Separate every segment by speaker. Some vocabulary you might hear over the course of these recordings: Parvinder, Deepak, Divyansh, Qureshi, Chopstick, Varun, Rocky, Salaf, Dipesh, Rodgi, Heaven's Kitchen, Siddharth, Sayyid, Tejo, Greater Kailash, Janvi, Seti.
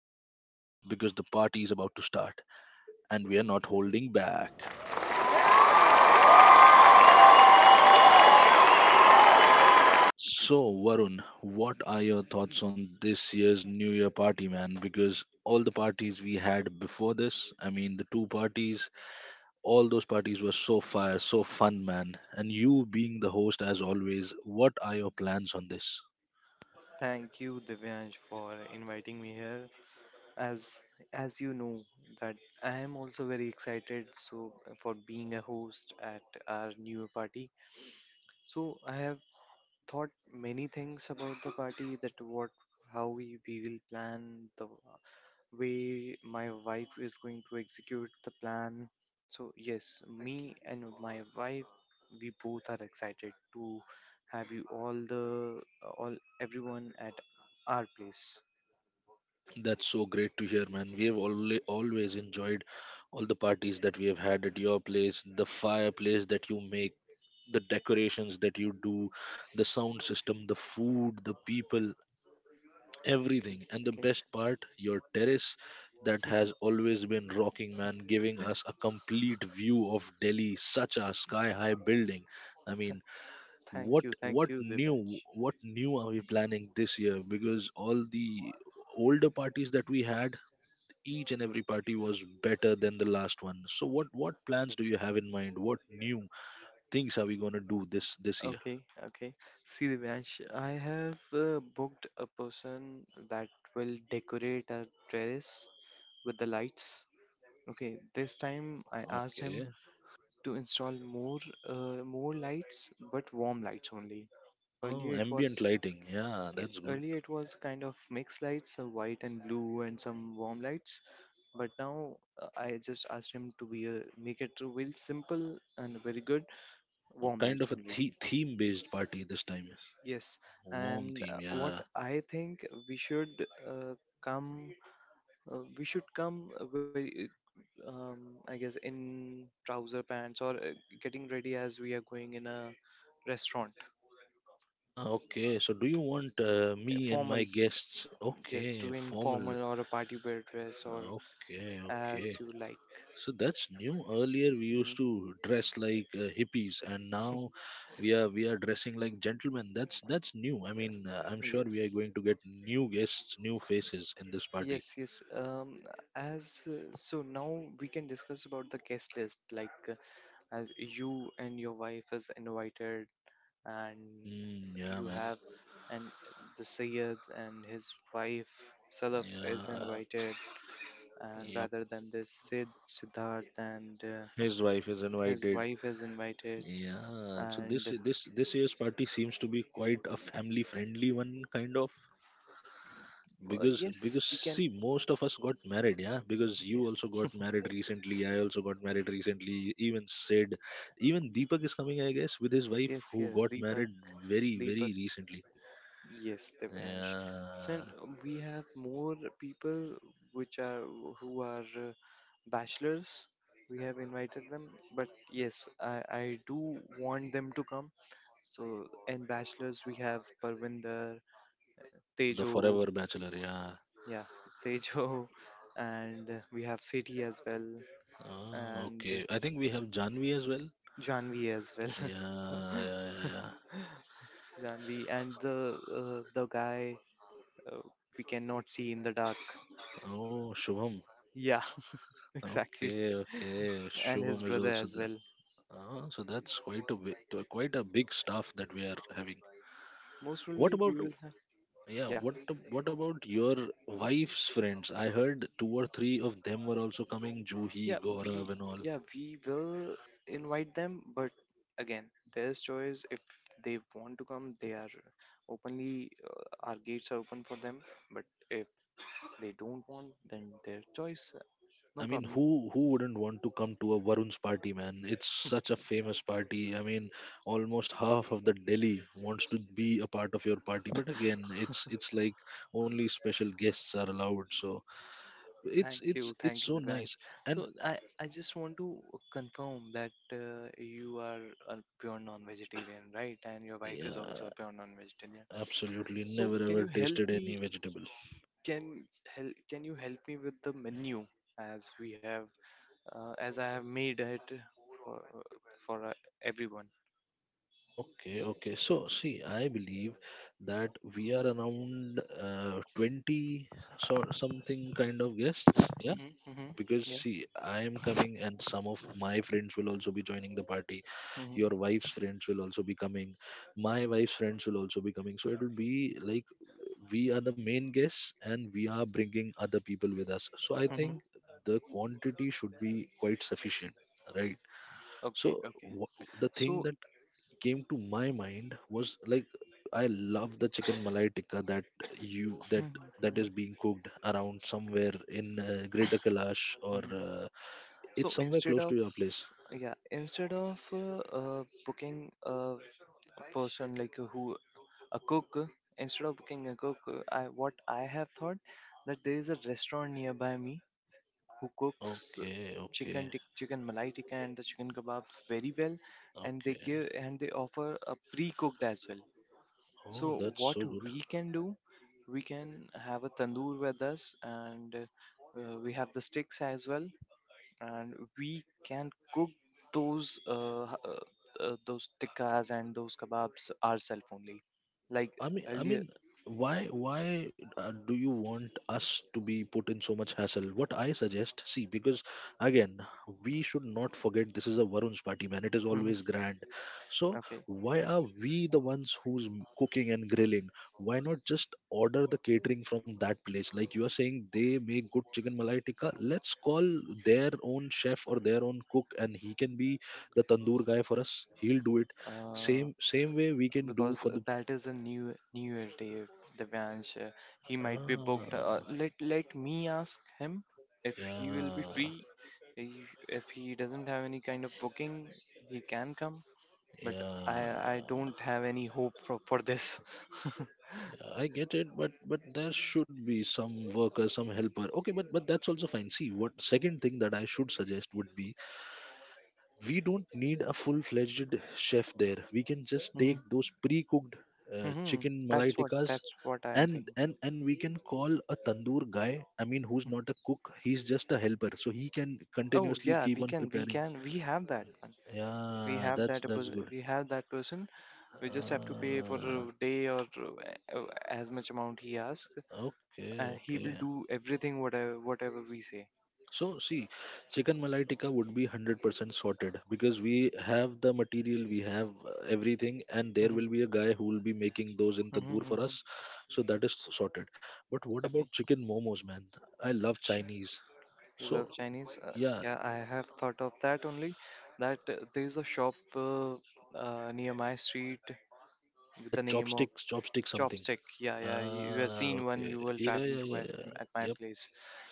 Speaker 1: glitz on because the party is about to start and we are not holding back. So, Varun, what are your thoughts on this year's New Year party, man? Because all the parties we had before this, I mean, the two parties, all those parties were so fire, so fun, man. And you being the host as always, what are your plans on this?
Speaker 2: Thank you, Divyansh, for inviting me here. As as you know that I am also very excited for being a host at our new party. So I have thought many things about the party that what how we will plan the way my wife is going to execute the plan. So yes, me and my wife we both are excited to have you all the all everyone at our place.
Speaker 1: That's so great to hear, man. We have always enjoyed all the parties that we have had at your place, the fireplace that you make, the decorations that you do, the sound system, the food, the people,
Speaker 2: Okay,
Speaker 1: everything. And the
Speaker 2: okay.
Speaker 1: best part, your terrace that has always been rocking, man, giving us a complete view of Delhi, such a sky high building. I mean, what
Speaker 2: Thank
Speaker 1: what
Speaker 2: you,
Speaker 1: new
Speaker 2: Divyansh.
Speaker 1: what new are we planning this year? Because all the older parties that we had, each and every party was better than the last one. So what plans do you have in mind? What new things are we going to do this year?
Speaker 2: Okay, okay. See, Divyansh, I have booked a person that will decorate our terrace with the lights. Okay, this time I asked him
Speaker 1: Okay.
Speaker 2: to install more lights, but warm lights only. Earlier
Speaker 1: Oh,
Speaker 2: it
Speaker 1: ambient
Speaker 2: was,
Speaker 1: lighting, yeah,
Speaker 2: yes,
Speaker 1: that's good.
Speaker 2: earlier it was kind of mixed lights, white and blue, and some warm lights. But now I just asked him to make it to very simple and very good warm
Speaker 1: Kind
Speaker 2: lights
Speaker 1: of a
Speaker 2: only.
Speaker 1: theme based party this time.
Speaker 2: Yes.
Speaker 1: Warm
Speaker 2: And
Speaker 1: theme,
Speaker 2: what
Speaker 1: yeah.
Speaker 2: I think we should uh, come, we should come, very um, I guess, in trouser pants, or getting ready as we are going in a restaurant.
Speaker 1: Ah, okay, so do you want me and my
Speaker 2: Formals,
Speaker 1: guests?
Speaker 2: yes,
Speaker 1: Okay,
Speaker 2: to
Speaker 1: formal.
Speaker 2: informal or a party wear dress
Speaker 1: Ah,
Speaker 2: or
Speaker 1: okay,
Speaker 2: as
Speaker 1: okay.
Speaker 2: you like.
Speaker 1: So that's new. Earlier we used
Speaker 2: Mhm.
Speaker 1: to dress like hippies, and now we are dressing like gentlemen. That's new. I mean,
Speaker 2: Yes,
Speaker 1: I'm sure we are
Speaker 2: yes,
Speaker 1: going to get new guests, new faces in this party.
Speaker 2: yes, yes. um as uh, so now we can discuss about the guest list, as you and your wife is invited, and
Speaker 1: Mm, yeah,
Speaker 2: you
Speaker 1: man.
Speaker 2: have and the Sayyid and his wife Salaf is
Speaker 1: Yeah,
Speaker 2: invited, and
Speaker 1: yep.
Speaker 2: rather than this Siddharth and
Speaker 1: His wife is
Speaker 2: his
Speaker 1: invited.
Speaker 2: wife is invited,
Speaker 1: Yeah. So this
Speaker 2: and
Speaker 1: this this year's party seems to be quite a family friendly one, kind of. because
Speaker 2: yes
Speaker 1: because
Speaker 2: we can
Speaker 1: see, most of us got married. Yeah, because
Speaker 2: yeah,
Speaker 1: you also got married recently, I also got married recently, even Sid, even Deepak is coming, I guess, with his wife
Speaker 2: yes
Speaker 1: who
Speaker 2: yes
Speaker 1: got
Speaker 2: Deepak.
Speaker 1: married very very
Speaker 2: Deepak.
Speaker 1: recently.
Speaker 2: Yes, Divyansh. So
Speaker 1: Yeah.
Speaker 2: we have more people which are who are bachelors. We have invited them, but yes, I do want them to come. So in bachelors we have Parvinder,
Speaker 1: Oh, the
Speaker 2: Tejo,
Speaker 1: forever bachelor, yeah.
Speaker 2: yeah, Tejo, and we have Seti as well,
Speaker 1: Ah,
Speaker 2: and
Speaker 1: okay, I think we have Janvi as well.
Speaker 2: Janvi as well.
Speaker 1: Yeah, yeah, yeah, yeah.
Speaker 2: Janvi and the guy uh, we cannot see in the dark.
Speaker 1: Oh, Shubham.
Speaker 2: Yeah, exactly.
Speaker 1: Okay, okay,
Speaker 2: And
Speaker 1: Shubham
Speaker 2: his
Speaker 1: is
Speaker 2: brother
Speaker 1: also
Speaker 2: as
Speaker 1: there.
Speaker 2: well.
Speaker 1: Ah, so that's quite a big staff that we are having.
Speaker 2: Most
Speaker 1: What
Speaker 2: probably we
Speaker 1: about—
Speaker 2: will have.
Speaker 1: Yeah,
Speaker 2: yeah,
Speaker 1: what what about your wife's friends? I heard two or three of them were also coming,
Speaker 2: yeah,
Speaker 1: Juhi,
Speaker 2: we
Speaker 1: Gaurav and all.
Speaker 2: yeah, we will invite them, but again, their choice. If they want to come, they are openly, our gates are open for them, but if they don't want, then their choice, no
Speaker 1: I mean,
Speaker 2: problem.
Speaker 1: who wouldn't want to come to a Varun's party, man? It's such a famous party. I mean, almost half of the Delhi wants to be a part of your party, but again, it's like only special guests are allowed. So, it's it's it's
Speaker 2: Thank you,
Speaker 1: so nice.
Speaker 2: Divyansh.
Speaker 1: And
Speaker 2: So I just want to confirm that you are a pure non-vegetarian, right? And your wife is also
Speaker 1: yeah,
Speaker 2: a pure non-vegetarian.
Speaker 1: absolutely
Speaker 2: So
Speaker 1: never
Speaker 2: can
Speaker 1: ever
Speaker 2: you help
Speaker 1: tasted any
Speaker 2: me?
Speaker 1: vegetable.
Speaker 2: Can you help me with the menu as I have made it for for everyone?
Speaker 1: Okay, okay. So, see, I believe that we are around 20 sort something kind of guests. Yeah,
Speaker 2: Hmm, hmm.
Speaker 1: because
Speaker 2: Yeah.
Speaker 1: see, I am coming and some of my friends will also be joining the party.
Speaker 2: Hmm,
Speaker 1: Your wife's friends will also be coming. My wife's friends will also be coming. So, it will be like we are the main guests and we are bringing other people with us. So, I
Speaker 2: hmm.
Speaker 1: think the quantity should be quite sufficient, right?
Speaker 2: Okay.
Speaker 1: So,
Speaker 2: Okay.
Speaker 1: the thing
Speaker 2: So.
Speaker 1: that came to my mind was like I love the chicken malai tikka that you that
Speaker 2: Hmm,
Speaker 1: that
Speaker 2: hmm.
Speaker 1: is being cooked around somewhere in Greater Kailash or
Speaker 2: Mhm. So
Speaker 1: it's somewhere
Speaker 2: instead
Speaker 1: close
Speaker 2: of,
Speaker 1: to your place.
Speaker 2: yeah, instead of booking a person, like who a cook, instead of booking a cook, I have thought that there is a restaurant nearby me who cooks
Speaker 1: Okay, okay,
Speaker 2: chicken malai tikka and the chicken kebab very well, and they
Speaker 1: okay.
Speaker 2: give and they offer a pre-cooked as well. So
Speaker 1: Oh, that's
Speaker 2: what
Speaker 1: so good.
Speaker 2: we can do, we can have a tandoor with us, and we have the sticks as well, and we can cook those those tikkas and those kebabs ourselves only. Like
Speaker 1: I mean, I
Speaker 2: earlier.
Speaker 1: mean, why do you want us to be put in so much hassle? What I suggest, see, because again, we should not forget this is a Varun's party, man. It is
Speaker 2: Mhm,
Speaker 1: always grand. So
Speaker 2: okay.
Speaker 1: why are we the ones who's cooking and grilling? Why not just order the catering from that place? Like you are saying, they make good chicken malai tikka. Let's call their own chef or their own cook, and he can be the tandoor guy for us. He'll do it
Speaker 2: Uh,
Speaker 1: same way we can do
Speaker 2: because
Speaker 1: for the—
Speaker 2: that is a new New Year day, Divyansh. He might be booked.
Speaker 1: Ah,
Speaker 2: Let me ask him if he will be
Speaker 1: yeah,
Speaker 2: free. If he doesn't have any kind of booking, he can come. But I I
Speaker 1: yeah,
Speaker 2: don't have any hope for this.
Speaker 1: yeah. I get it, but there should be some worker, some helper. Okay, but that's also fine. See, what second thing that I should suggest would be we don't need a full-fledged chef there. We can just
Speaker 2: Hmm,
Speaker 1: take those pre-cooked
Speaker 2: hmm.
Speaker 1: chicken malai
Speaker 2: That's what,
Speaker 1: tikkas
Speaker 2: I am
Speaker 1: and
Speaker 2: saying.
Speaker 1: and we can call a tandoor guy. I mean, who's not a cook? He's just a helper, so he can
Speaker 2: Oh
Speaker 1: continuously
Speaker 2: yeah,
Speaker 1: keep on preparing.
Speaker 2: we have that one. We
Speaker 1: Yeah,
Speaker 2: have that
Speaker 1: that's good.
Speaker 2: we have that person. We just have to pay for
Speaker 1: Uh,
Speaker 2: a day, or as much amount he asks.
Speaker 1: Okay,
Speaker 2: He will
Speaker 1: okay.
Speaker 2: do everything, whatever we say.
Speaker 1: So see, chicken malai tikka would be 100% sorted because we have the material, we have everything, and there
Speaker 2: Mm-hmm.
Speaker 1: will be a guy who will be making those in tandoor for
Speaker 2: Mm-hmm.
Speaker 1: us. So that is sorted. But what about chicken momos, man? I love
Speaker 2: Okay.
Speaker 1: Chinese.
Speaker 2: You love
Speaker 1: So
Speaker 2: Chinese?
Speaker 1: yeah,
Speaker 2: Yeah, I have thought of that only. That there's a shop, near my street with the
Speaker 1: that
Speaker 2: name of
Speaker 1: chopsticks, chopstick something.
Speaker 2: Chopstick. Yeah, yeah. You have
Speaker 1: Ah,
Speaker 2: seen when
Speaker 1: okay.
Speaker 2: you were
Speaker 1: Yeah, yeah,
Speaker 2: traveling to
Speaker 1: yeah,
Speaker 2: my
Speaker 1: yeah.
Speaker 2: at my
Speaker 1: Yep.
Speaker 2: place.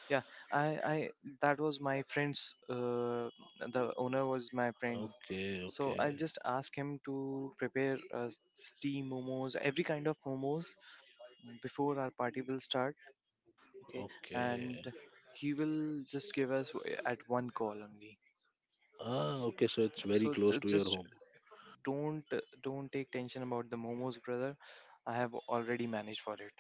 Speaker 2: Yeah, I that was my friend's. The owner was my friend.
Speaker 1: Okay,
Speaker 2: So I'll
Speaker 1: okay,
Speaker 2: just ask him to prepare steam momos, every kind of momos before our party will start. Okay, and
Speaker 1: okay.
Speaker 2: he will just give us at one call only.
Speaker 1: Ah, okay. So it's very
Speaker 2: So
Speaker 1: close to your
Speaker 2: just
Speaker 1: home.
Speaker 2: don't don't take tension about the momos, brother. I have already managed for it.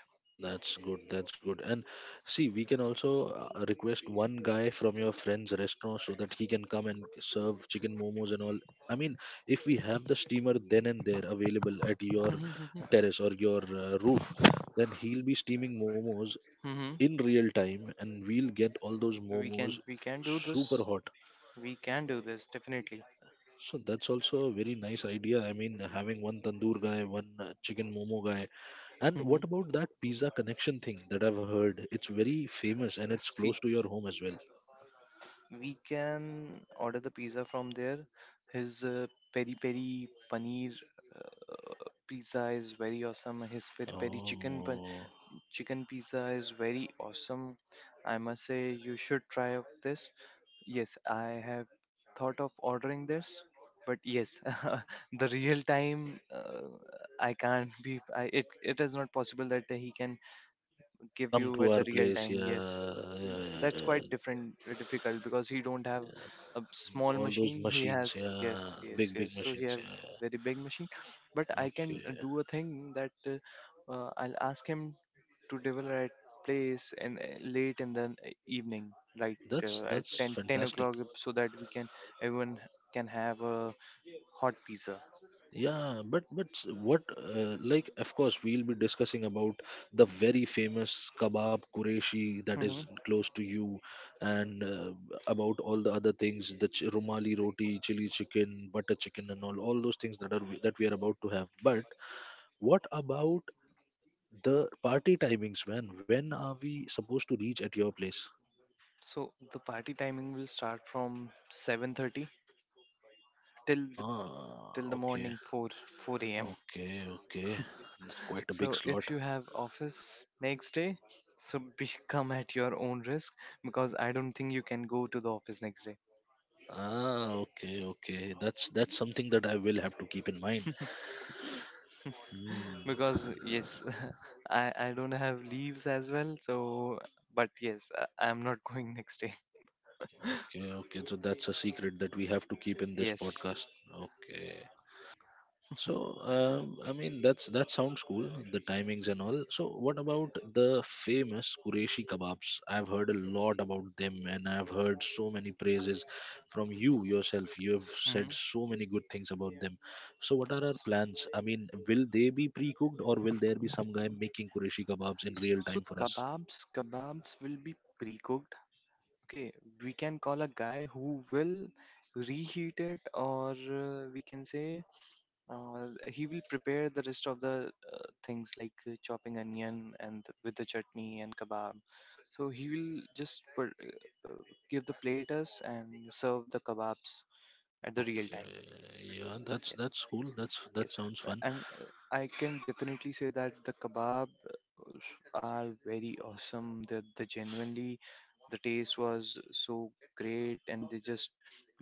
Speaker 1: That's good. That's good. And see, we can also request one guy from your friend's restaurant so that he can come and serve chicken momos and all. I mean, if we have the steamer then and there available at your terrace or your roof, then he'll be steaming momos
Speaker 2: Mm-hmm. Hmm.
Speaker 1: in real time and we'll get all those momos
Speaker 2: We can do
Speaker 1: super
Speaker 2: this.
Speaker 1: hot.
Speaker 2: We can do this definitely.
Speaker 1: So that's also a very nice idea. I mean, having one tandoor guy, one chicken momo guy. And
Speaker 2: Hmm.
Speaker 1: what about that pizza connection thing that I've heard? It's very famous and it's
Speaker 2: See,
Speaker 1: close to your home as well.
Speaker 2: we can order the pizza from there. His peri peri paneer pizza is very awesome. His
Speaker 1: Oh,
Speaker 2: chicken pizza is very awesome. I must say you should try of this. Yes, I have thought of ordering this, but yes, the real time, I can't be. It it is not possible that he can give
Speaker 1: come
Speaker 2: you
Speaker 1: to
Speaker 2: at the
Speaker 1: our
Speaker 2: real
Speaker 1: place,
Speaker 2: time.
Speaker 1: yeah,
Speaker 2: Yes. Mm,
Speaker 1: yeah, yeah,
Speaker 2: that's
Speaker 1: yeah.
Speaker 2: quite different, difficult, because he don't have a small
Speaker 1: All those
Speaker 2: machine. He
Speaker 1: machines,
Speaker 2: has, yes,
Speaker 1: yeah,
Speaker 2: yes,
Speaker 1: big big
Speaker 2: yes. So he
Speaker 1: machines,
Speaker 2: have
Speaker 1: yeah, yeah.
Speaker 2: very big machine, but I can
Speaker 1: Okay,
Speaker 2: do a thing that I'll ask him to deliver at place, and late in the evening, like at
Speaker 1: that's
Speaker 2: 10 10
Speaker 1: fantastic.
Speaker 2: o'clock, so that we can everyone can have a hot pizza.
Speaker 1: Yeah, but what like, of course we'll be discussing about the very famous kebab Qureshi that is
Speaker 2: Hmm.
Speaker 1: close to you, and about all the other things, the rumali roti, chili chicken, butter chicken, and all those things that are that we are about to have. But what about the party timings, man? When are we supposed to reach at your place?
Speaker 2: So the party timing will start from 7:30 till the,
Speaker 1: Ah,
Speaker 2: till the morning 4 4 a.m.
Speaker 1: okay. That's quite a big
Speaker 2: So
Speaker 1: slot.
Speaker 2: if you have office next day, so come at your own risk, because I don't think you can go to the office next day.
Speaker 1: Ah, okay, okay. That's something that I will have to keep in mind. Hmm.
Speaker 2: Because yes, I don't have leaves as well. So, but yes, I'm not going next day.
Speaker 1: Okay, okay. So that's a secret that we have to keep in this
Speaker 2: Yes.
Speaker 1: podcast. Okay. So, I mean, that's that sounds cool, the timings and all. So, what about the famous Qureshi kebabs? I've heard a lot about them, and I've heard so many praises from you yourself. You have
Speaker 2: Hmm.
Speaker 1: said so many good things about them. So, what are our
Speaker 2: S-
Speaker 1: plans? I mean, will they be pre-cooked, or will there be some guy making Qureshi kebabs in real
Speaker 2: So
Speaker 1: time
Speaker 2: the
Speaker 1: for us?
Speaker 2: kebabs, kebabs will be pre-cooked. Okay, we can call a guy who will reheat it, or we can say he will prepare the rest of the things, like chopping onion and with the chutney and kebab. So he will just put, give the platers and serve the kebabs at the real
Speaker 1: Okay,
Speaker 2: time.
Speaker 1: yeah,
Speaker 2: Yes,
Speaker 1: that's cool. That's that
Speaker 2: yes.
Speaker 1: sounds fun.
Speaker 2: And I can definitely say that the kebabs are very awesome. The genuinely the taste was so great, and they just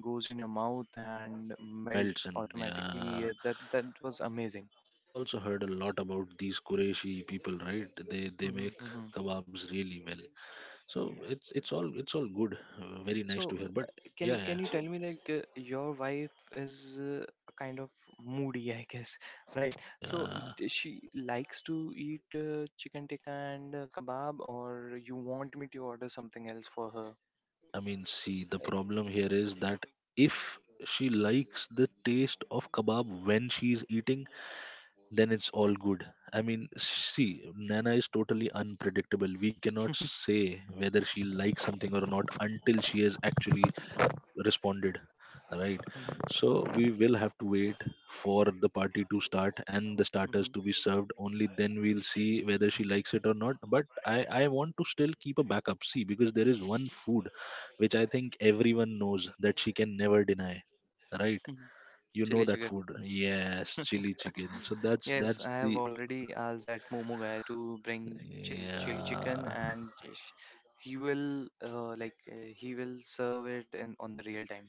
Speaker 2: goes in your mouth and
Speaker 1: Melts
Speaker 2: melts
Speaker 1: in,
Speaker 2: automatically.
Speaker 1: yeah.
Speaker 2: That was amazing.
Speaker 1: I've also heard a lot about these Qureshi people, right? They
Speaker 2: Hmm,
Speaker 1: make
Speaker 2: hmm.
Speaker 1: kebabs really well. So
Speaker 2: Yes.
Speaker 1: it's all it's all good. Very nice
Speaker 2: So,
Speaker 1: to hear. But
Speaker 2: uh, can you,
Speaker 1: yeah,
Speaker 2: tell me, like your wife is kind of moody, I guess, right?
Speaker 1: yeah,
Speaker 2: So
Speaker 1: yeah.
Speaker 2: she likes to eat chicken tikka and kebab, or you want me to order something else for her?
Speaker 1: I mean, see, the problem here is that if she likes the taste of kebab when she's eating, then it's all good. I mean, see, Nana is totally unpredictable. We cannot say whether she likes something or not until she has actually responded, right? So we will have to wait for the party to start and the starters to be
Speaker 2: Mm-hmm.
Speaker 1: served. Only then we'll see whether she likes it or not. But I want to still keep a backup. See, because there is one food which I think everyone knows that she can never deny, right? You know
Speaker 2: Chili
Speaker 1: that
Speaker 2: chicken.
Speaker 1: food. Yes, chili chicken. So
Speaker 2: Yes, I
Speaker 1: that's the—
Speaker 2: have already asked that Momo guy to bring chili chicken,
Speaker 1: yeah.
Speaker 2: and he will, he will serve it in on the real time.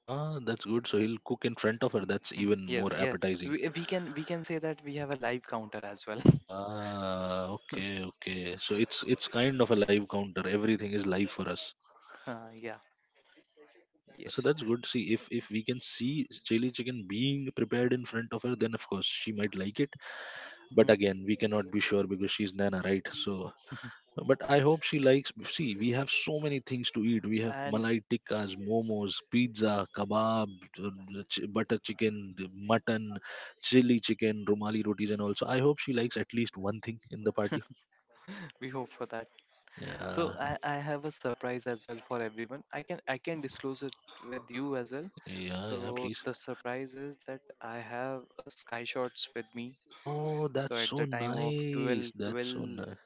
Speaker 1: Ah, that's good, so he'll cook in front of her. That's
Speaker 2: Mm,
Speaker 1: even
Speaker 2: yeah,
Speaker 1: more
Speaker 2: yeah.
Speaker 1: appetizing.
Speaker 2: We can say that we have a live counter as well.
Speaker 1: Ah, okay, okay. So it's kind of a live counter. Everything is live for us.
Speaker 2: Yeah.
Speaker 1: So
Speaker 2: Yes.
Speaker 1: that's good. See, if we can see chili chicken being prepared in front of her, then of course she might like it. But
Speaker 2: Hmm.
Speaker 1: again, we cannot be sure because she's Nana, right? So, but I hope she likes. See, we have so many things to eat. We have
Speaker 2: And
Speaker 1: malai tikkas, momos, pizza, kebab, butter chicken, the mutton, chili chicken, rumali rotis, and also I hope she likes at least one thing in the party.
Speaker 2: we hope for that. So
Speaker 1: Yeah.
Speaker 2: I have a surprise as well for everyone. I
Speaker 1: Oh,
Speaker 2: can disclose it with you as well.
Speaker 1: yeah, yeah,
Speaker 2: So
Speaker 1: please.
Speaker 2: the surprise is that I have sky shots with me.
Speaker 1: Oh,
Speaker 2: So
Speaker 1: that's
Speaker 2: at
Speaker 1: so
Speaker 2: the time of
Speaker 1: nice. That's so nice.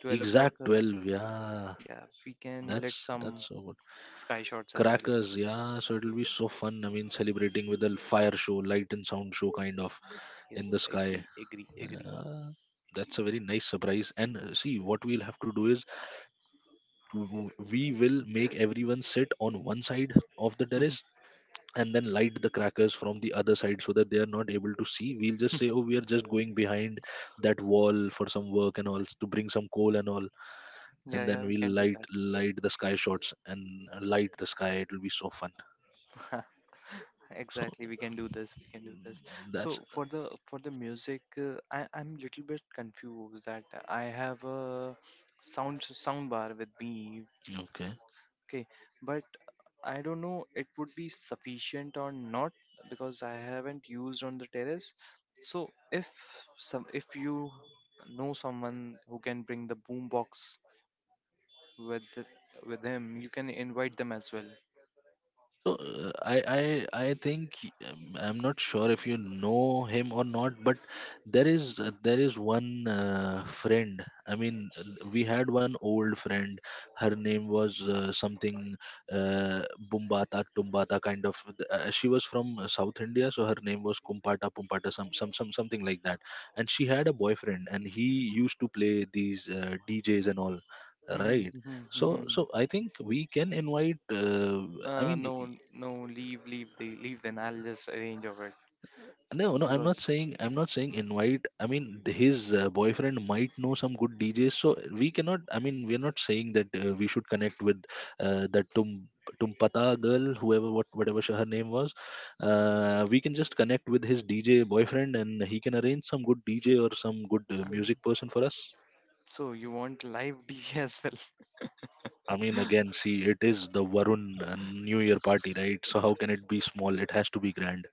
Speaker 2: 12 o'clock,
Speaker 1: Exact 12, yeah.
Speaker 2: yeah, we can let some
Speaker 1: That's so good.
Speaker 2: sky shots as well.
Speaker 1: Crackers, yeah. So it'll be so fun. I mean, celebrating with a fire show, light and sound show kind of
Speaker 2: Yes,
Speaker 1: in the sky.
Speaker 2: agree, agree, agree.
Speaker 1: Yeah, that's a very nice surprise. And See, what we'll have to do is we will make everyone sit on one side of the terrace and then light the crackers from the other side so that they are not able to see. We'll just say, oh, we are just going behind that wall for some work and all, to bring some coal and all, and
Speaker 2: Yeah,
Speaker 1: then
Speaker 2: yeah, we
Speaker 1: we'll
Speaker 2: can do
Speaker 1: light
Speaker 2: that.
Speaker 1: light the sky shots and light the sky. It will be so fun. So
Speaker 2: Exactly, we can do this,
Speaker 1: that's
Speaker 2: so for the music, I'm little bit confused that I have a sound bar with me.
Speaker 1: okay.
Speaker 2: Okay. But I don't know it would be sufficient or not, because I haven't used on the terrace. So if some if you know someone who can bring the boom box with with him, you can invite them as well.
Speaker 1: So I think I'm not sure if you know him or not, but there is one friend. I mean, we had one old friend. Her name was something, Bumbata Tumbata kind of. She was from South India, so her name was Kumpata Pumpata, some something like that. And she had a boyfriend, and he used to play these DJs and all, right? So so I think we can invite. I mean.
Speaker 2: No, leave. Then I'll just arrange of it.
Speaker 1: No, no, I'm not
Speaker 2: Because.
Speaker 1: saying I'm not saying invite. I mean, his boyfriend might know some good DJs, so we cannot. I mean, we're not saying that we should connect with that Tumpata girl, whoever whatever her name was. We can just connect with his DJ boyfriend, and he can arrange some good DJ or some good
Speaker 2: Um,
Speaker 1: music person for us.
Speaker 2: so you want live DJ as well?
Speaker 1: I mean, again, see, it is the Varun New Year party, right? So how can it be small? It has to be grand.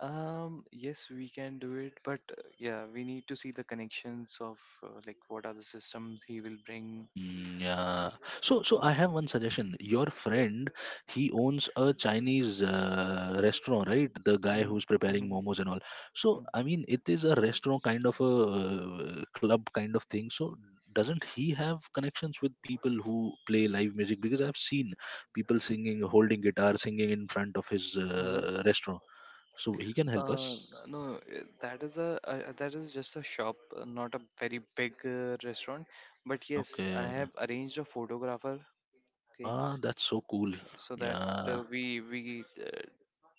Speaker 2: Yes, we can do it, but yeah, we need to see the connections of, like what are the systems he will bring.
Speaker 1: Mm, yeah. So, so
Speaker 2: What?
Speaker 1: I have one suggestion. Your friend, he owns a Chinese restaurant, right? The guy
Speaker 2: Mhm,
Speaker 1: who's preparing
Speaker 2: mhm,
Speaker 1: momos and all. So,
Speaker 2: mhm,
Speaker 1: I mean, it is a restaurant kind of a club kind of thing. So, doesn't he have connections with people who play live music? Because I've seen people singing, holding guitar, singing in front of his
Speaker 2: mhm.
Speaker 1: restaurant. So he can help us.
Speaker 2: Uh, no, that is a, that is just a shop, not a very big restaurant. But yes, I
Speaker 1: Okay.
Speaker 2: have arranged a photographer. Okay,
Speaker 1: Ah, that's so cool.
Speaker 2: so that
Speaker 1: Yeah,
Speaker 2: we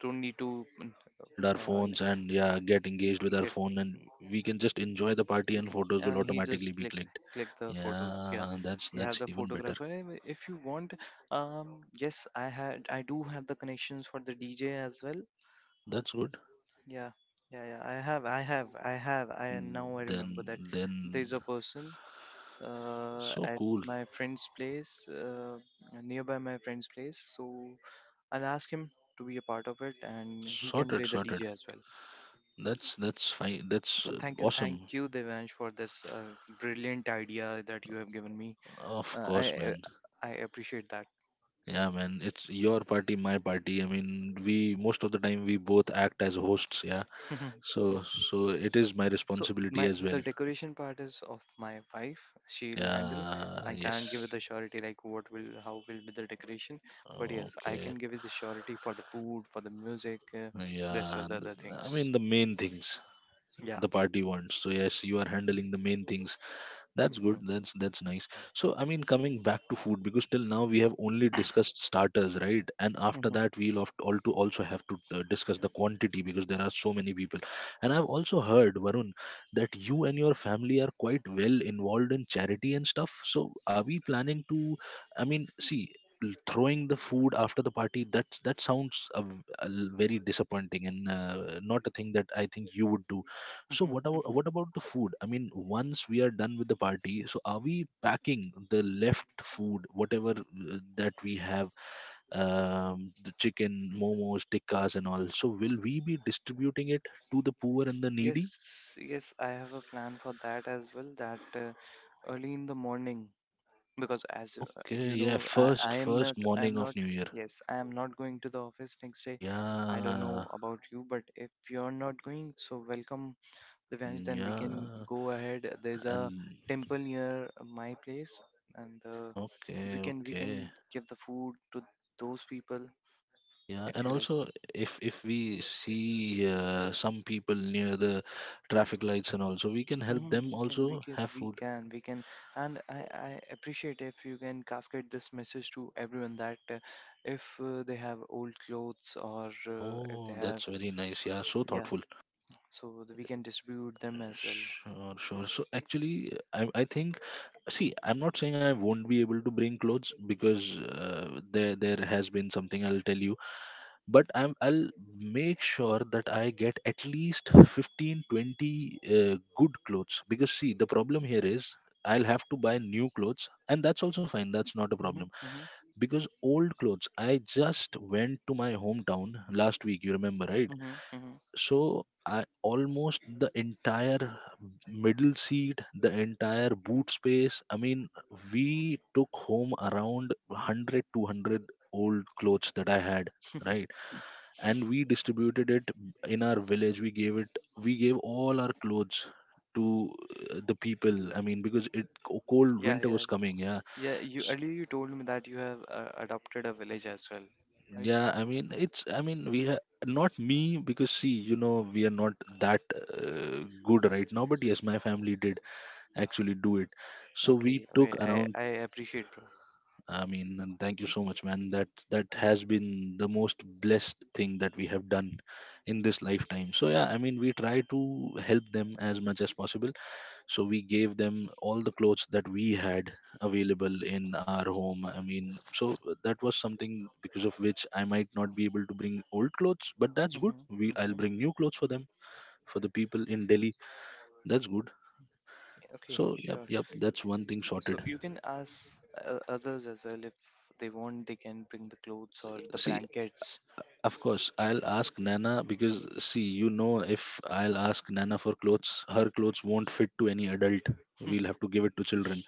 Speaker 2: don't need to mm,
Speaker 1: hold our phones,
Speaker 2: like,
Speaker 1: and yeah, get engaged with our
Speaker 2: get
Speaker 1: phone, and we can just enjoy the party
Speaker 2: we
Speaker 1: and
Speaker 2: can,
Speaker 1: photos will
Speaker 2: and he
Speaker 1: automatically
Speaker 2: just
Speaker 1: be clicked.
Speaker 2: click the photos, yeah.
Speaker 1: Yeah,
Speaker 2: We have
Speaker 1: that's
Speaker 2: the
Speaker 1: even better.
Speaker 2: photographer. Eh, if you want. Um, yes, I do have the connections for the DJ as well.
Speaker 1: Oh, that's good.
Speaker 2: Yeah, yeah, yeah. I have I have I have I Now
Speaker 1: Mm,
Speaker 2: I remember that
Speaker 1: then
Speaker 2: there's
Speaker 1: then
Speaker 2: a person
Speaker 1: so
Speaker 2: at
Speaker 1: cool.
Speaker 2: my friend's place, nearby my friend's place. So I'll ask him to be a part of it, and he can
Speaker 1: Sorted,
Speaker 2: play the
Speaker 1: sorted.
Speaker 2: DJ as well.
Speaker 1: That's fine. That's
Speaker 2: Well, thank you, thank
Speaker 1: awesome.
Speaker 2: you, Devansh, for this brilliant idea that you have given me.
Speaker 1: Of
Speaker 2: Uh, I
Speaker 1: course,
Speaker 2: uh,
Speaker 1: man.
Speaker 2: I appreciate that.
Speaker 1: Yeah, man, it's your party, my party. I mean, we most of the time we both act as hosts, yeah, so so it is my
Speaker 2: So
Speaker 1: responsibility
Speaker 2: my
Speaker 1: as
Speaker 2: the
Speaker 1: well.
Speaker 2: decoration part is of my wife. She'll handle.
Speaker 1: Yeah,
Speaker 2: I can't
Speaker 1: yes.
Speaker 2: give it the surety like what will how will be the decoration, but yes, I
Speaker 1: Okay.
Speaker 2: can give it the surety for the food, for the music, rest
Speaker 1: Yeah.
Speaker 2: of the other
Speaker 1: I
Speaker 2: things.
Speaker 1: mean, the main things
Speaker 2: Yeah.
Speaker 1: the party wants. So, yes, you are handling the main things. That's good. That's nice.
Speaker 2: Mm-hmm.
Speaker 1: So I mean, coming back to food, because till now we have only discussed starters, right? And after that, we'll have to, all to also have to discuss the quantity because there are so many people. And I've also heard, Varun, that you and your family are quite well involved in charity and stuff. So are we planning to? I mean, see. Throwing the food after the party, that that sounds very disappointing and not a thing that I think you would do. So
Speaker 2: Mhm,
Speaker 1: what about,
Speaker 2: mhm.
Speaker 1: what about the food? I mean, once we are done with the party, so are we packing the left food, whatever that we have, the chicken, momos, tikkas, and all? So will we be distributing it to the poor and the
Speaker 2: Yes,
Speaker 1: needy?
Speaker 2: yes, I have a plan for that as well. That Early in the morning, because as
Speaker 1: Okay,
Speaker 2: you
Speaker 1: yeah,
Speaker 2: know,
Speaker 1: first first
Speaker 2: I am
Speaker 1: morning of
Speaker 2: not,
Speaker 1: New Year.
Speaker 2: yes, I am not going to the office next day. I don't know
Speaker 1: Yeah,
Speaker 2: about you, but if you're not going, so welcome events,
Speaker 1: mm,
Speaker 2: then we can
Speaker 1: yeah,
Speaker 2: go ahead. There's a
Speaker 1: and
Speaker 2: temple near my place, and we
Speaker 1: okay,
Speaker 2: can we can
Speaker 1: okay.
Speaker 2: give the food to those people
Speaker 1: Yeah,
Speaker 2: if
Speaker 1: and
Speaker 2: you like.
Speaker 1: also, if we see some people near the traffic lights, and also we can
Speaker 2: Hmm,
Speaker 1: help them
Speaker 2: we can, we
Speaker 1: also
Speaker 2: can,
Speaker 1: have
Speaker 2: we
Speaker 1: food.
Speaker 2: can, we can, and I appreciate if you can cascade this message to everyone that if they have old clothes or if they
Speaker 1: Oh,
Speaker 2: have,
Speaker 1: that's very nice. Yeah, so
Speaker 2: yeah,
Speaker 1: thoughtful.
Speaker 2: so that we can distribute them as well.
Speaker 1: Sure, sure. So actually, I think, see, I'm not saying I won't be able to bring clothes because there has been something, I'll tell you, but I'll make sure that I get at least 15, 20 good clothes. Because see, the problem here is I'll have to buy new clothes, and that's also fine, that's not a
Speaker 2: Mm-hmm,
Speaker 1: problem.
Speaker 2: mm-hmm,
Speaker 1: Because old clothes, I just went to my hometown last week, you remember, right?
Speaker 2: mm-hmm, mm-hmm.
Speaker 1: So I almost, the entire middle seat, the entire boot space. I mean, we took home around 100, 200 old clothes that I had, right? And we distributed it in our village. We gave it, we gave all our clothes to the people. I mean, because it cold
Speaker 2: Yeah,
Speaker 1: winter
Speaker 2: yeah,
Speaker 1: was coming, yeah.
Speaker 2: Yeah, you earlier you told me that you have adopted a village as well, right?
Speaker 1: Yeah, I mean, it's, I mean, we ha not me, because see, you know, we are not that good right now, but yes, my family did actually do it. So we
Speaker 2: Okay,
Speaker 1: took
Speaker 2: okay, I
Speaker 1: around,
Speaker 2: I appreciate, bro.
Speaker 1: I mean, and thank you so much, man. That that has been the most blessed thing that we have done in this lifetime. So yeah, I mean, we try to help them as much as possible. So we gave them all the clothes that we had available in our home. I mean, so that was something because of which I might not be able to bring old clothes, but that's good, we,
Speaker 2: Mm-hmm, mm-hmm.
Speaker 1: I'll bring new clothes for them, for the people in Delhi. That's good.
Speaker 2: Okay,
Speaker 1: So yep,
Speaker 2: sure.
Speaker 1: yep, that's one thing
Speaker 2: So
Speaker 1: sorted.
Speaker 2: you can ask others as well if they want. They can bring the clothes or the
Speaker 1: See,
Speaker 2: blankets.
Speaker 1: of course, I'll ask Nana, because see, you know, if I'll ask Nana for clothes, her clothes won't fit to any adult. We'll have to give it to children.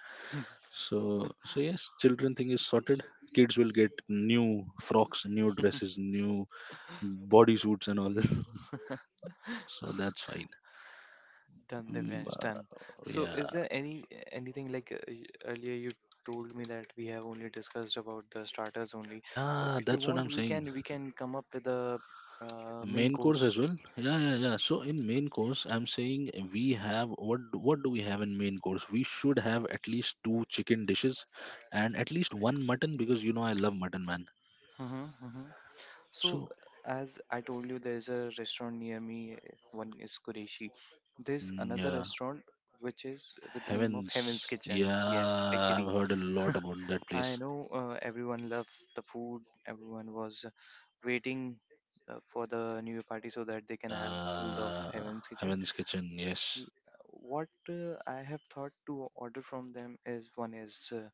Speaker 1: So, so yes, children thing is sorted. Kids will get new frocks, new dresses, new bodysuits and all. So that's fine.
Speaker 2: Done, the
Speaker 1: Mm,
Speaker 2: has done. So is
Speaker 1: yeah,
Speaker 2: there any anything like earlier you told me that we have only discussed about the starters only. So
Speaker 1: yeah,
Speaker 2: if you
Speaker 1: that's what I'm
Speaker 2: want, we
Speaker 1: saying.
Speaker 2: can we can come up with a main
Speaker 1: Main course
Speaker 2: course.
Speaker 1: as well. Yeah, yeah, yeah. So in main course, I'm saying, we have, what do we have in main course? We should have at least two chicken dishes and at least one mutton, because you know I love mutton, man.
Speaker 2: Mm-hmm. So,
Speaker 1: So
Speaker 2: as I told you, there's a restaurant near me. One is Qureshi. There's
Speaker 1: mm,
Speaker 2: another
Speaker 1: yeah,
Speaker 2: restaurant which is with the name of Heaven's
Speaker 1: heavens.
Speaker 2: Kitchen.
Speaker 1: Yeah,
Speaker 2: Yes,
Speaker 1: I've
Speaker 2: agree.
Speaker 1: heard a lot about that place.
Speaker 2: I know everyone loves the food. Everyone was waiting for the New Year party so that they can have the food of
Speaker 1: Yeah,
Speaker 2: Heaven's Kitchen.
Speaker 1: Heaven's Kitchen. Yes.
Speaker 2: Y- What I have thought to order from them is one is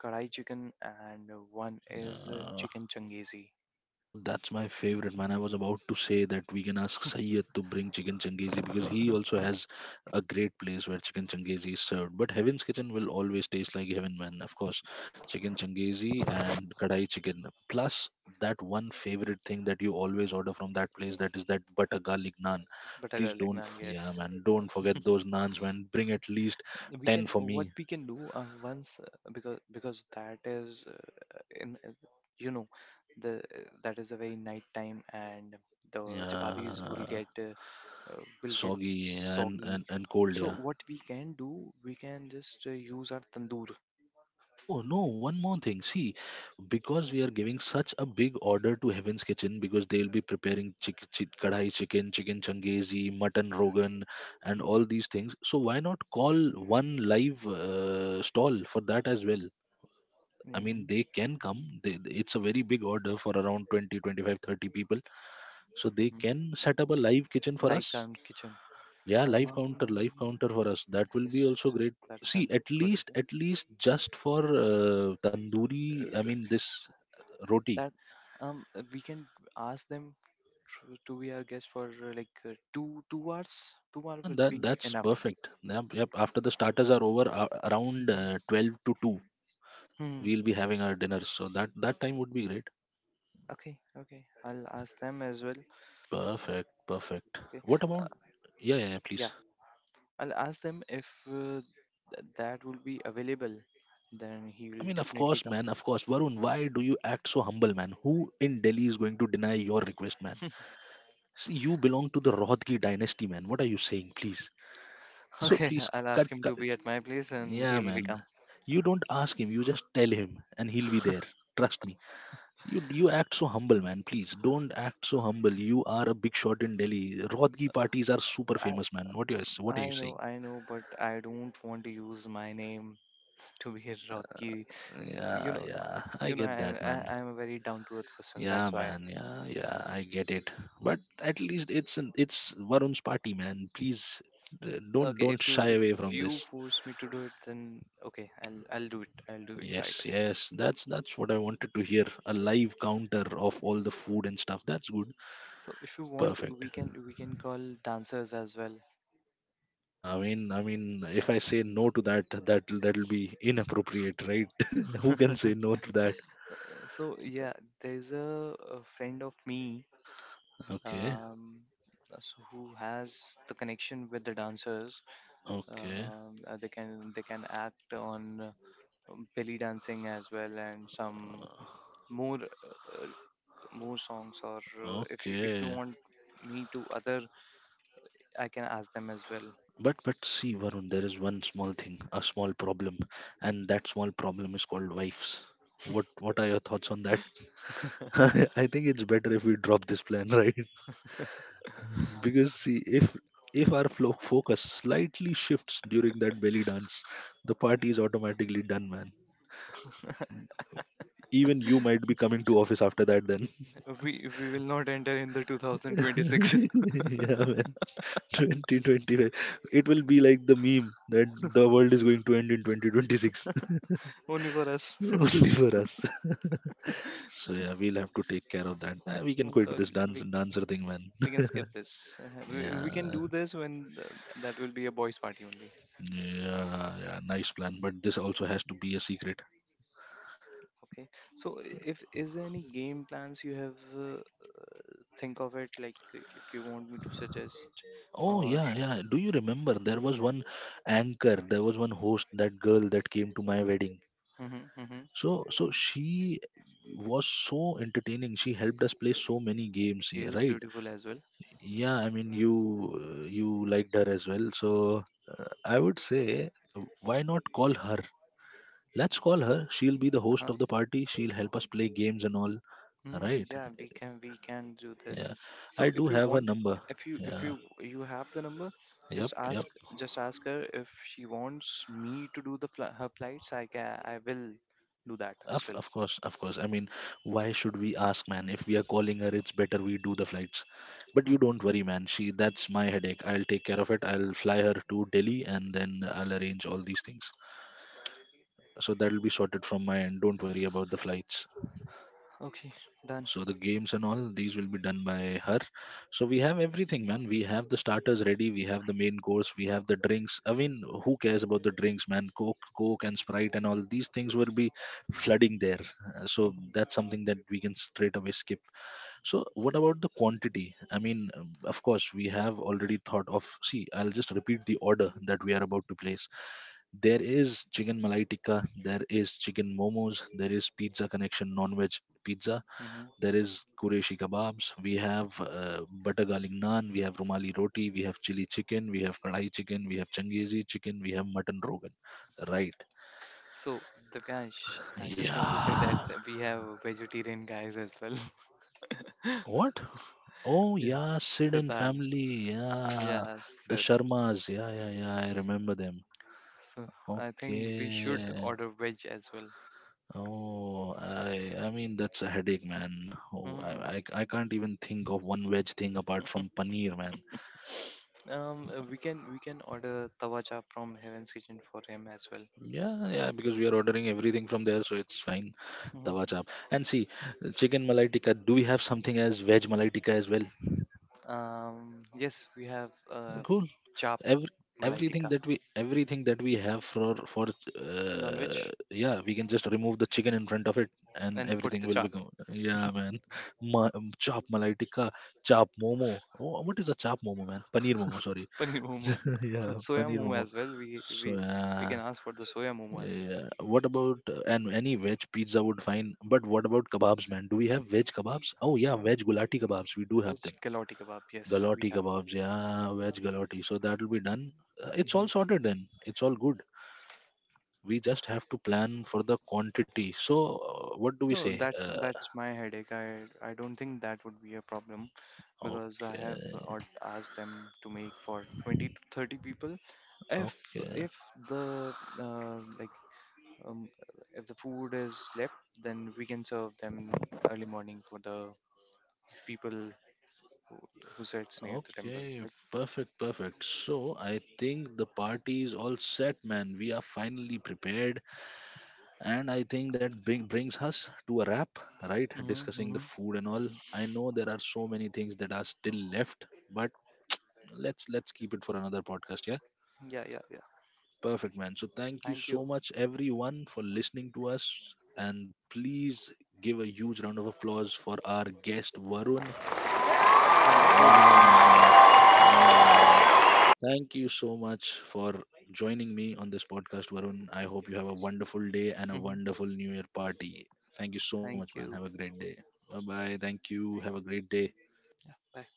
Speaker 2: kadai chicken and one is
Speaker 1: Yeah.
Speaker 2: chicken changizi.
Speaker 1: Oh, that's my favorite, man. I was about to say that we can ask Sayyed to bring chicken changizi because he also has a great place where chicken changizi is served. But Heaven's Kitchen will always taste like heaven, man. Of course, chicken changizi and kadai chicken. Plus, that one favorite thing that you always order from that place, that is that butter garlic naan.
Speaker 2: Butter
Speaker 1: Please
Speaker 2: garlic
Speaker 1: don't,
Speaker 2: naan,
Speaker 1: f-
Speaker 2: yes.
Speaker 1: yeah, man, don't forget those naans, man. Bring at least
Speaker 2: we can
Speaker 1: 10 for
Speaker 2: what
Speaker 1: me.
Speaker 2: we can do once because that is in you know, the that is a very night time and the chapatis
Speaker 1: Yeah,
Speaker 2: will get
Speaker 1: soggy, and,
Speaker 2: soggy,
Speaker 1: and, and cold,
Speaker 2: so
Speaker 1: yeah.
Speaker 2: what we can do, we can just use our tandoor.
Speaker 1: Oh no, one more thing. See, because we are giving such a big order to Heaven's Kitchen, because they will be preparing kadhai chicken, chicken changezi, mutton rogan, and
Speaker 2: Hmm.
Speaker 1: all these things. So why not call one live stall for that as well? I mean,
Speaker 2: Hmm.
Speaker 1: they can come. They, it's a very big order for around 20, 25, 30 people. So they
Speaker 2: Hmm.
Speaker 1: can set up a live kitchen for
Speaker 2: Live
Speaker 1: us.
Speaker 2: ground kitchen.
Speaker 1: Yeah, live counter, live
Speaker 2: Um,
Speaker 1: counter for us, that will
Speaker 2: yes,
Speaker 1: be also great.
Speaker 2: that's a
Speaker 1: See, at
Speaker 2: good
Speaker 1: least, at least just for tandoori, I
Speaker 2: idea.
Speaker 1: mean this roti.
Speaker 2: That We can ask them to be our guest for two hours. Two hours
Speaker 1: Nah,
Speaker 2: would
Speaker 1: that
Speaker 2: be
Speaker 1: that's
Speaker 2: enough.
Speaker 1: perfect, yep, yep. After the starters are over, around
Speaker 2: Hmm.
Speaker 1: 12 to 2
Speaker 2: Hmm.
Speaker 1: we'll be having our dinner, so that that time would be great.
Speaker 2: Okay. Okay. I'll ask them as well.
Speaker 1: Perfect, perfect.
Speaker 2: Okay.
Speaker 1: What about,
Speaker 2: Uh,
Speaker 1: yeah, yeah, yeah,
Speaker 2: yeah.
Speaker 1: please.
Speaker 2: I'll ask them if that will be available. Then he
Speaker 1: I
Speaker 2: will
Speaker 1: mean, of
Speaker 2: definitely
Speaker 1: course,
Speaker 2: come.
Speaker 1: man, of course, Varun, why do you act so humble, man? Who in Delhi is going to deny your request, man? See, you belong to the Rodgi dynasty, man. What are you saying? Please. So
Speaker 2: Okay.
Speaker 1: please,
Speaker 2: I'll
Speaker 1: cut,
Speaker 2: ask him to
Speaker 1: cut.
Speaker 2: be at my place, and
Speaker 1: Yeah,
Speaker 2: he'll be
Speaker 1: man.
Speaker 2: come.
Speaker 1: You don't ask him. You just tell him, and he'll be there. Trust me. You act so humble, man. Please don't act so humble. You are a big shot in Delhi. Rodgi parties are super
Speaker 2: I,
Speaker 1: famous, man. What are
Speaker 2: I
Speaker 1: you
Speaker 2: know.
Speaker 1: saying?
Speaker 2: I know. But I don't want to use my name to be a Rocky, you
Speaker 1: Yeah,
Speaker 2: know,
Speaker 1: yeah. I
Speaker 2: you know,
Speaker 1: get
Speaker 2: and
Speaker 1: that,
Speaker 2: I,
Speaker 1: man.
Speaker 2: i'm a very down to earth person,
Speaker 1: Yeah,
Speaker 2: that's why
Speaker 1: man. Yeah, yeah. I get it. But at least it's an, it's Varun's party, man. Please don't
Speaker 2: okay,
Speaker 1: don't
Speaker 2: if you
Speaker 1: shy away
Speaker 2: if
Speaker 1: from
Speaker 2: you
Speaker 1: this.
Speaker 2: force me to do it, then okay, I'll do it, I'll do it right
Speaker 1: Yes,
Speaker 2: away.
Speaker 1: yes, that's what I wanted to hear. A live counter of all the food and stuff. That's good.
Speaker 2: So if you want,
Speaker 1: Perfect.
Speaker 2: we can call dancers as well.
Speaker 1: I mean, if I say no to that, that that'll be inappropriate, right? Who can say no to that?
Speaker 2: So yeah, there's a friend of me,
Speaker 1: Okay,
Speaker 2: um so who has the connection with the dancers.
Speaker 1: okay,
Speaker 2: They can they can act on belly dancing as well, and some
Speaker 1: uh,
Speaker 2: more uh, more songs, or if you
Speaker 1: okay.
Speaker 2: want me to other, I can ask them as well.
Speaker 1: But see, Varun, there is one small thing, a small problem, and that small problem is called wives. What are your thoughts on that? I think it's better if we drop this plan, right? Because see, if our flow focus slightly shifts during that belly dance, the party is automatically done, man. Even you might be coming to office after that then.
Speaker 2: We will not enter in the 2026.
Speaker 1: Yeah, man. 2025, it will be like the meme that the world is going to end in 2026.
Speaker 2: Only for us.
Speaker 1: Only for us. So yeah, we'll have to take care of that. We can quit
Speaker 2: So
Speaker 1: this
Speaker 2: we
Speaker 1: dancer thing, man.
Speaker 2: we can skip this. We can
Speaker 1: Yeah,
Speaker 2: do this when that will be a boys' party only.
Speaker 1: yeah, yeah, nice plan, but this also has to be a secret.
Speaker 2: Okay. So if, is there any game plans you have, think of it like if you want me to suggest
Speaker 1: Oh
Speaker 2: or,
Speaker 1: yeah, yeah. Do you remember there was one anchor, there was one host, that girl that came to my wedding.
Speaker 2: Mhm, mhm.
Speaker 1: So so she was so entertaining. She helped us play so many games,
Speaker 2: She
Speaker 1: yeah,
Speaker 2: is
Speaker 1: right?
Speaker 2: beautiful as well.
Speaker 1: Yeah, I mean you you liked her as well. So I would say, why not call her? Let's call her. She'll be the host
Speaker 2: Uh-huh.
Speaker 1: of the party. She'll help us play games and all. Right?
Speaker 2: Mm, yeah, we can do this.
Speaker 1: Yeah.
Speaker 2: So
Speaker 1: I do
Speaker 2: if you
Speaker 1: have her
Speaker 2: want,
Speaker 1: number.
Speaker 2: if you if
Speaker 1: Yeah.
Speaker 2: you you have the number,
Speaker 1: Yep,
Speaker 2: just
Speaker 1: yep.
Speaker 2: ask just ask her if she wants me to do her flights. I will do that as
Speaker 1: Of
Speaker 2: well.
Speaker 1: of course, of course. I mean, why should we ask, man? If we are calling her, it's better we do the flights. But you
Speaker 2: Hmm.
Speaker 1: don't worry, man. She that's my headache. I'll take care of it. I'll fly her to Delhi and then I'll arrange all these things. So that'll be sorted from my end. Don't worry about the flights,
Speaker 2: Okay, done.
Speaker 1: so the games and all these will be done by her. So we have everything, man. We have the starters ready, we have the main course, we have the drinks. I mean, who cares about the drinks, man? Coke and Sprite and all these things will be flooding there. So that's something that we can straight away skip. So what about the quantity? I mean, of course we have already thought of, see, I'll just repeat the order that we are about to place. There is chicken malai tikka, there is chicken momos, there is pizza connection non-veg pizza,
Speaker 2: Hmm. Hmm.
Speaker 1: there is Qureshi kebabs. We have butter garlic naan. We have rumali roti. We have chili chicken. We have kadai chicken. We have Changezi chicken. We have mutton rogan. Right.
Speaker 2: So Divyansh, I just want to say that
Speaker 1: Yeah.
Speaker 2: we have vegetarian guys as well.
Speaker 1: What? Oh,
Speaker 2: Yeah,
Speaker 1: yeah, Sid and
Speaker 2: Siddharth.
Speaker 1: family. Yeah.
Speaker 2: Yeah,
Speaker 1: The
Speaker 2: Sid.
Speaker 1: Sharmas. Yeah, yeah, yeah. I remember them.
Speaker 2: So I think we should
Speaker 1: Okay.
Speaker 2: order veg as well.
Speaker 1: Oh, I mean that's a headache, man. Oh,
Speaker 2: Hmm.
Speaker 1: I can't even think of one veg thing apart from paneer, man.
Speaker 2: We can order tawa tawaja from Heaven's Kitchen for him as well.
Speaker 1: Yeah, yeah, because we are ordering everything from there, so it's fine.
Speaker 2: Mhm.
Speaker 1: Tawa chap. And see, chicken malai tikka. Do we have something as veg malai tikka as well?
Speaker 2: Um, yes, we have uh,
Speaker 1: Cool.
Speaker 2: chaap
Speaker 1: Every
Speaker 2: malai
Speaker 1: everything
Speaker 2: tikka,
Speaker 1: that we everything that we have for
Speaker 2: non-veg,
Speaker 1: yeah, we can just remove the chicken in front of it, and
Speaker 2: and put
Speaker 1: everything
Speaker 2: the
Speaker 1: will be
Speaker 2: chaap,
Speaker 1: gone. Yeah, man. Chop malai tikka, chop momo. Oh, what is a chop momo, man? Paneer momo. Sorry.
Speaker 2: paneer momo.
Speaker 1: Yeah,
Speaker 2: Soya
Speaker 1: paneer
Speaker 2: momo
Speaker 1: momo.
Speaker 2: as well. We
Speaker 1: So
Speaker 2: we can
Speaker 1: yeah.
Speaker 2: ask for the soya momo as well.
Speaker 1: Yeah. What about and any veg pizza would fine. But what about kebabs, man? Do we have veg kebabs? Oh yeah,
Speaker 2: Um,
Speaker 1: veg gulati kebabs. We do have
Speaker 2: which
Speaker 1: them.
Speaker 2: galati kebab? Yes, we
Speaker 1: Galati kebabs. Yeah, veg galati. So that will be done. It's all
Speaker 2: have.
Speaker 1: sorted then. It's all good. We just have to plan for the quantity. So what do we
Speaker 2: No,
Speaker 1: say?
Speaker 2: that's my headache. I don't think that would be a problem because I have or
Speaker 1: Okay,
Speaker 2: asked them to make for 20 to 30 people. If
Speaker 1: okay,
Speaker 2: if the like um, if the food is left, then we can serve them early morning for the people who sits near the temple.
Speaker 1: okay.
Speaker 2: Like,
Speaker 1: Perfect, perfect. So I think the party is all set, man. We are finally prepared. And I think that brings us to a wrap, right?
Speaker 2: hmm
Speaker 1: Discussing the
Speaker 2: hmm.
Speaker 1: food and all. I know there are so many things that are still left, but let's keep it for another podcast. Yeah,
Speaker 2: Yeah, yeah, yeah.
Speaker 1: perfect, man. So thank you
Speaker 2: Thank
Speaker 1: so
Speaker 2: you.
Speaker 1: much, everyone, for listening to us. And please give a huge round of applause for our guest Varun.
Speaker 2: Thank you,
Speaker 1: Yeah, man.
Speaker 2: Dipesh.
Speaker 1: Yeah, yeah, yeah, yeah. Thank you so much for joining me on this podcast, Varun. I hope you have a wonderful day and a
Speaker 2: Hmm.
Speaker 1: wonderful New Year party. Thank you so much, man.
Speaker 2: Thank
Speaker 1: Have a
Speaker 2: you.
Speaker 1: great day. Bye bye. Thank you. Have a great day.
Speaker 2: Yeah, bye.